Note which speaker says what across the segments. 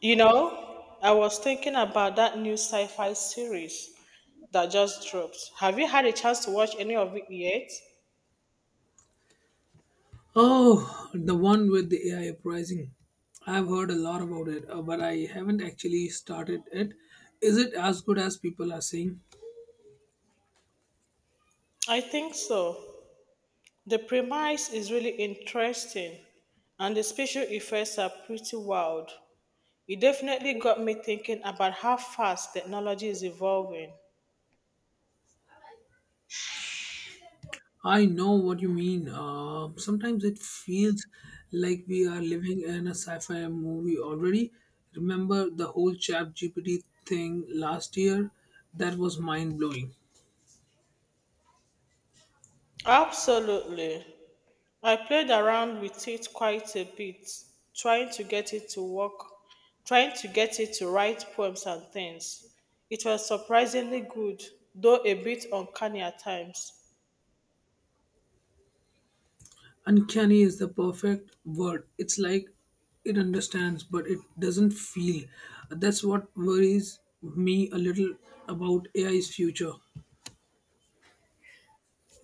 Speaker 1: You know, I was thinking about that new sci-fi series that just dropped. Have you had a chance to watch any of it yet?
Speaker 2: Oh, the one with the AI uprising. I've heard a lot about it, but I haven't actually started it. Is it as good as people are saying?
Speaker 1: I think so. The premise is really interesting and the special effects are pretty wild. It definitely got me thinking about how fast technology is evolving.
Speaker 2: I know what you mean. Sometimes it feels like we are living in a sci fi movie already. Remember the whole Chat GPT thing last year? That was mind blowing.
Speaker 1: Absolutely. I played around with it quite a bit, trying to get it to work, trying to get it to write poems and things. It was surprisingly good, though a bit uncanny at times.
Speaker 2: Uncanny is the perfect word. It's like it understands, but it doesn't feel. That's what worries me a little about AI's future.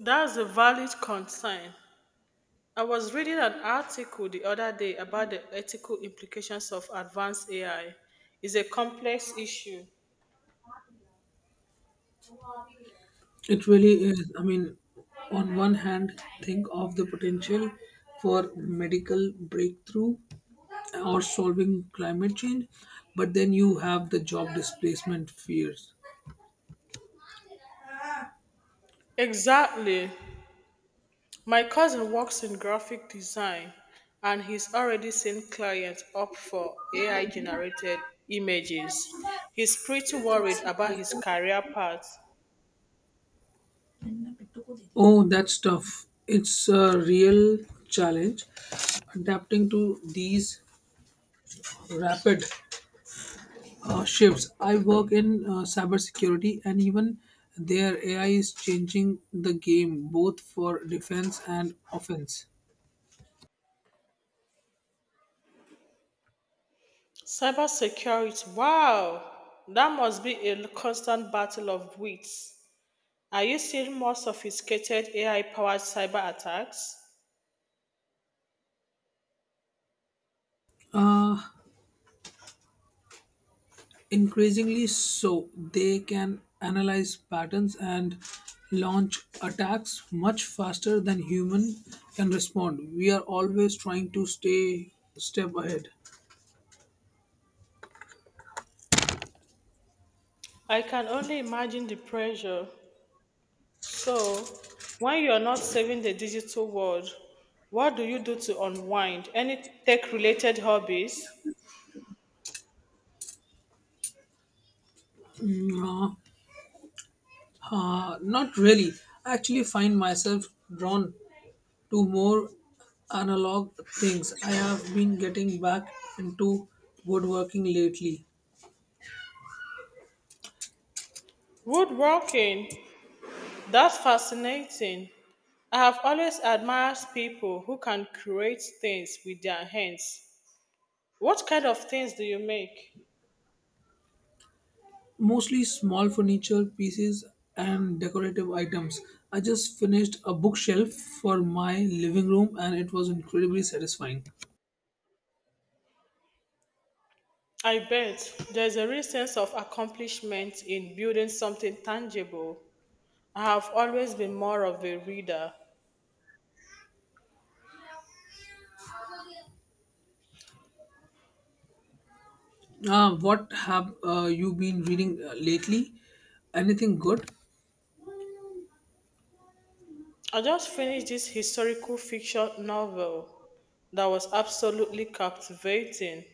Speaker 1: That's a valid concern. I was reading an article the other day about the ethical implications of advanced AI. It's a complex issue.
Speaker 2: It really is. I mean, on one hand, think of the potential for medical breakthrough or solving climate change, but then you have the job displacement fears.
Speaker 1: Exactly. My cousin works in graphic design and he's already seen clients opt for AI generated images. He's pretty worried about his career path.
Speaker 2: Oh, that's tough. It's a real challenge adapting to these rapid shifts. I work in cybersecurity, and even there, AI is changing the game both for defense and offense.
Speaker 1: Cybersecurity, wow, that must be a constant battle of wits. Are you seeing more sophisticated AI powered cyber attacks?
Speaker 2: Uh, increasingly so, they can analyze patterns and launch attacks much faster than human can respond. We are always trying to stay step ahead.
Speaker 1: I can only imagine the pressure. So, when you are not saving the digital world, what do you do to unwind? Any tech related hobbies?
Speaker 2: Mm, Uh, Not really. I actually find myself drawn to more analog things. I have been getting back into woodworking lately,
Speaker 1: Woodworking, that's fascinating. I have always admired people who can create things with their hands. What kind of things do you make?
Speaker 2: mostly small furniture pieces and decorative items. I just finished a bookshelf for my living room and it was incredibly satisfying.
Speaker 1: I bet there's a real sense of accomplishment in building something tangible. I have always been more of a reader.
Speaker 2: Ah, what have you been reading lately? Anything good?
Speaker 1: I just finished this historical fiction novel that was absolutely captivating.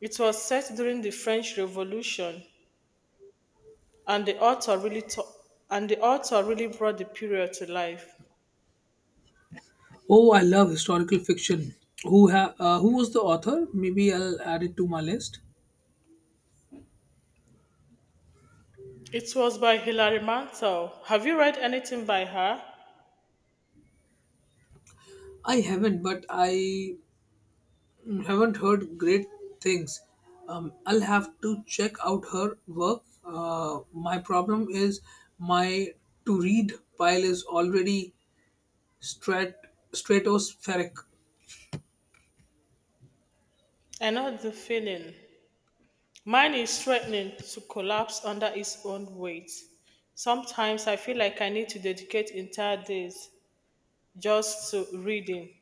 Speaker 1: It was set during the French Revolution, and the author really to- and the author really brought the period to life.
Speaker 2: Oh, I love historical fiction. Who was the author? Maybe I'll add it to my list.
Speaker 1: It was by Hilary Mantel. Have you read anything by her?
Speaker 2: I haven't, but I haven't heard great things. I'll have to check out her work. My problem is my to read pile is already strat- stratospheric.
Speaker 1: I know the feeling. Mine is threatening to collapse under its own weight. Sometimes I feel like I need to dedicate entire days just to reading.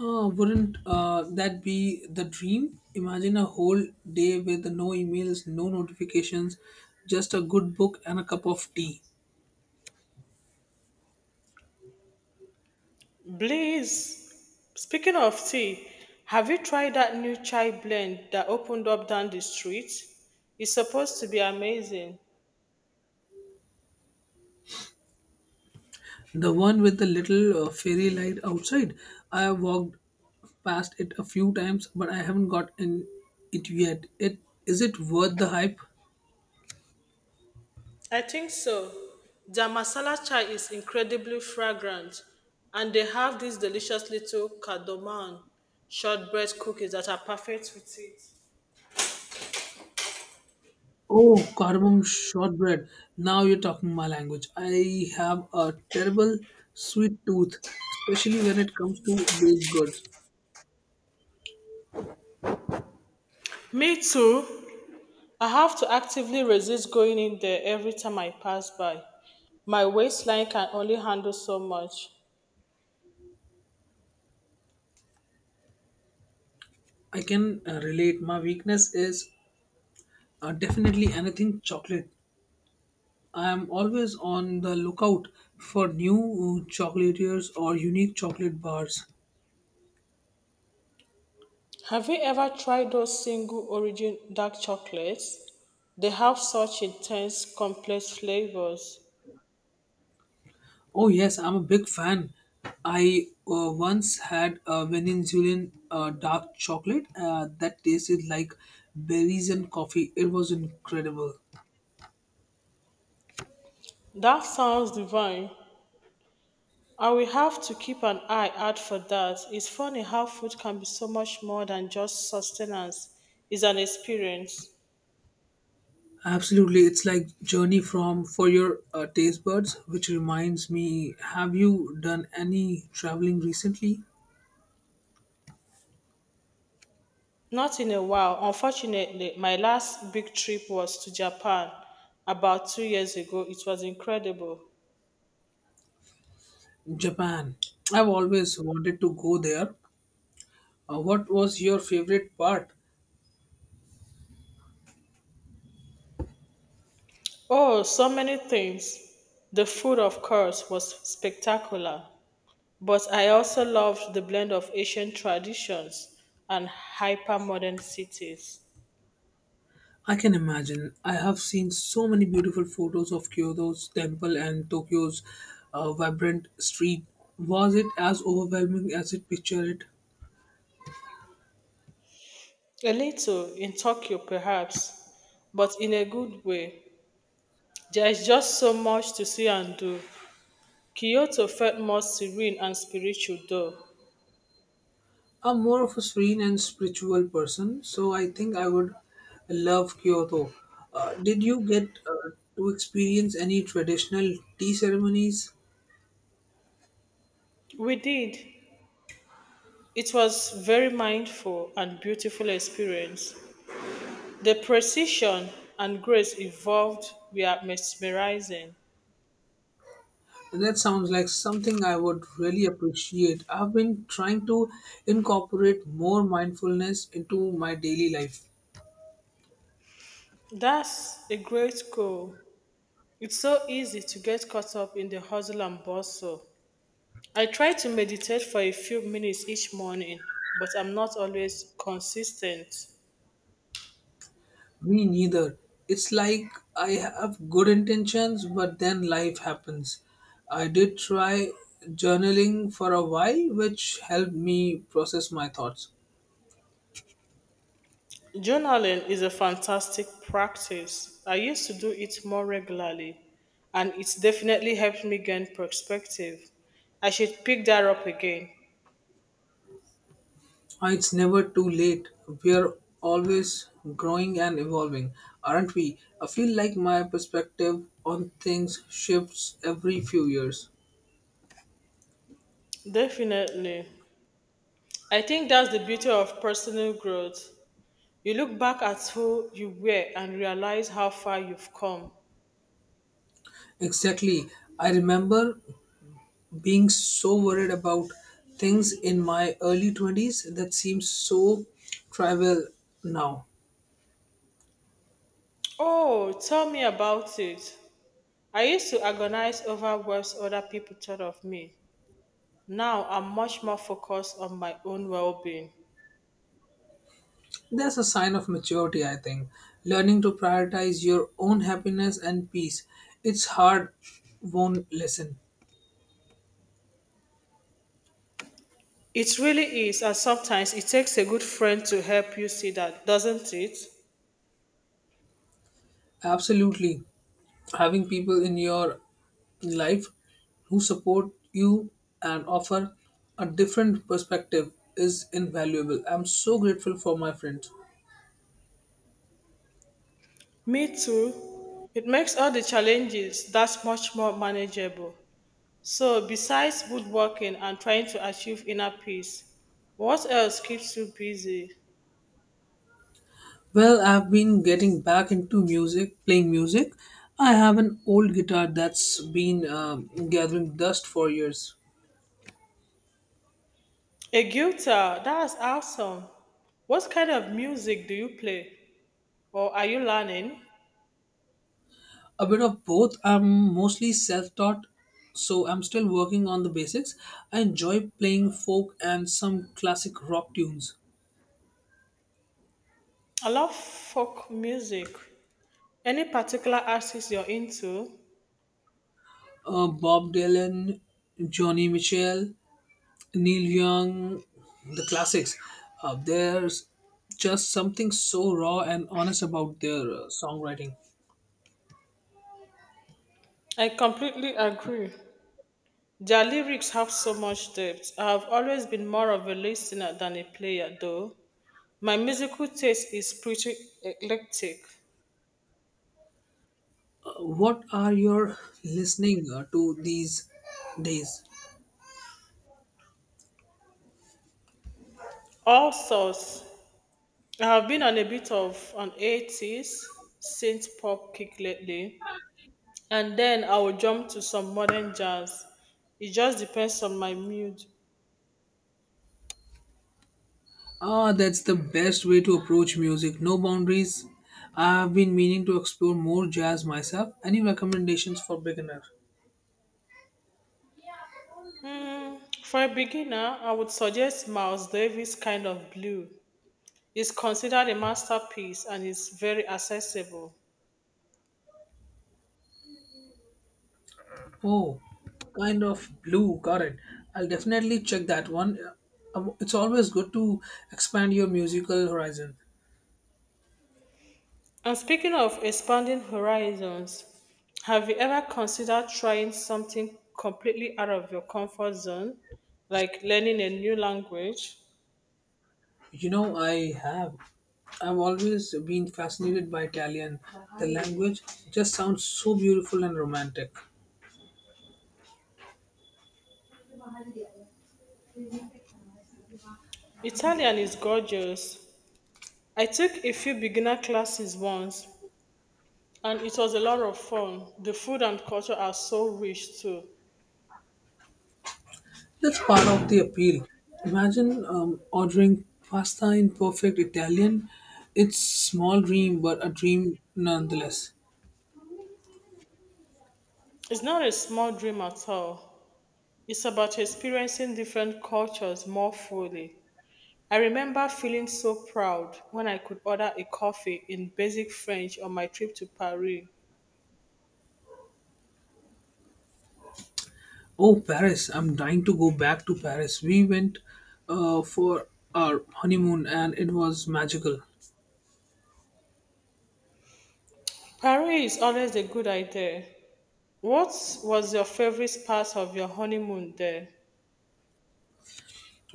Speaker 2: Wouldn't that be the dream? Imagine a whole day with no emails, no notifications, just a good book and a cup of tea.
Speaker 1: Blaze, speaking of tea, have you tried that new chai blend that opened up down the street? It's supposed to be amazing.
Speaker 2: The one with the little fairy light outside. I have walked past it a few times, but I haven't got in it yet. It Is it worth the hype?
Speaker 1: I think so. Their masala chai is incredibly fragrant, and they have these delicious little cardamom shortbread cookies that are perfect with it.
Speaker 2: Oh, cardamom shortbread. Now you're talking my language. I have a terrible sweet tooth, especially when it comes to baked goods.
Speaker 1: Me too. I have to actively resist going in there every time I pass by. My waistline can only handle so much.
Speaker 2: I can relate. My weakness is definitely anything chocolate. I am always on the lookout for new chocolatiers or unique chocolate bars.
Speaker 1: Have you ever tried those single origin dark chocolates? They have such intense, complex flavors.
Speaker 2: Oh yes, I'm a big fan. I once had a Venezuelan dark chocolate that tasted like berries and coffee. It was incredible.
Speaker 1: That sounds divine. I will have to keep an eye out for that. It's funny how food can be so much more than just sustenance, it's an experience.
Speaker 2: Absolutely, it's like journey from for your taste buds. Which reminds me, have you done any traveling recently?
Speaker 1: Not in a while. Unfortunately, my last big trip was to Japan about 2 years ago. It was incredible.
Speaker 2: Japan. I've always wanted to go there. What was your favorite part?
Speaker 1: Oh, so many things. The food, of course, was spectacular. But I also loved the blend of ancient traditions and hypermodern cities.
Speaker 2: I can imagine. I have seen so many beautiful photos of Kyoto's temple and Tokyo's vibrant street. Was it as overwhelming as it pictured it?
Speaker 1: A little in Tokyo, perhaps, but in a good way. There is just so much to see and do. Kyoto felt more serene and spiritual, though.
Speaker 2: I'm more of a serene and spiritual person, so I think I would love Kyoto. Did you get to experience any traditional tea ceremonies?
Speaker 1: We did. It was very mindful and beautiful experience. The precision and grace involved were mesmerizing.
Speaker 2: That sounds like something I would really appreciate. I've been trying to incorporate more mindfulness into my daily life.
Speaker 1: That's a great goal. It's so easy to get caught up in the hustle and bustle. I try to meditate for a few minutes each morning, but I'm not always consistent.
Speaker 2: Me neither. It's like I have good intentions, but then life happens. I did try journaling for a while, which helped me process my thoughts.
Speaker 1: Journaling is a fantastic practice. I used to do it more regularly, and it's definitely helped me gain perspective. I should pick that up again.
Speaker 2: Ah, it's never too late. We are always growing and evolving, aren't we? I feel like my perspective on things shifts every few years.
Speaker 1: Definitely. I think that's the beauty of personal growth. You look back at who you were and realize how far you've come.
Speaker 2: Exactly. I remember being so worried about things in my early 20s that seems so trivial now.
Speaker 1: Oh, tell me about it. I used to agonize over what other people thought of me. Now I'm much more focused on my own well being.
Speaker 2: That's a sign of maturity, I think. Learning to prioritize your own happiness and peace. It's hard, won't listen.
Speaker 1: It really is, and sometimes it takes a good friend to help you see that, doesn't it?
Speaker 2: Absolutely. Having people in your life who support you and offer a different perspective is invaluable. I'm so grateful for my friends.
Speaker 1: Me too. It makes all the challenges that much more manageable. So, besides woodworking and trying to achieve inner peace, what else keeps you busy?
Speaker 2: Well, I've been getting back into music, playing music. I have an old guitar that's been gathering dust for years.
Speaker 1: A guitar, that's awesome. What kind of music do you play or are you learning?
Speaker 2: A bit of both. I'm mostly self taught, so I'm still working on the basics. I enjoy playing folk and some classic rock tunes.
Speaker 1: I love folk music. Any particular artist you're into?
Speaker 2: Bob Dylan, Johnny Mitchell, Neil Young, the classics. There's just something so raw and honest about their songwriting.
Speaker 1: I completely agree. Their lyrics have so much depth. I have always been more of a listener than a player, though. My musical taste is pretty eclectic.
Speaker 2: What are you listening to these days?
Speaker 1: All sorts. I have been on a bit of an 80s synth pop kick lately. And then I will jump to some modern jazz. It just depends on my mood.
Speaker 2: Ah, that's the best way to approach music. No boundaries. I've been meaning to explore more jazz myself. Any recommendations for beginner?
Speaker 1: Hmm, for a beginner, I would suggest Miles Davis' Kind of Blue. It's considered a masterpiece and is very accessible.
Speaker 2: Oh, kind of blue. Got it. I'll definitely check that one. It's always good to expand your musical horizon.
Speaker 1: And speaking of expanding horizons, have you ever considered trying something completely out of your comfort zone, like learning a new language?
Speaker 2: You know, I have. I've always been fascinated by Italian. The language just sounds so beautiful and romantic.
Speaker 1: Italian is gorgeous. I took a few beginner classes once, and it was a lot of fun. The food and culture are so rich too.
Speaker 2: That's part of the appeal. Imagine ordering pasta in perfect Italian. It's small dream, but a dream nonetheless.
Speaker 1: It's not a small dream at all. It's about experiencing different cultures more fully. I remember feeling so proud when I could order a coffee in basic French on my trip to Paris.
Speaker 2: Oh, Paris! I'm dying to go back to Paris. We went for our honeymoon, and it was magical.
Speaker 1: Paris is always a good idea. What was your favorite part of your honeymoon there?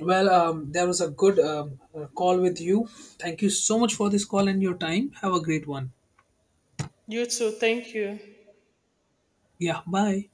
Speaker 2: Well, there was a good call with you. Thank you so much for this call and your time. Have a great one.
Speaker 1: You too, thank you.
Speaker 2: Yeah, bye.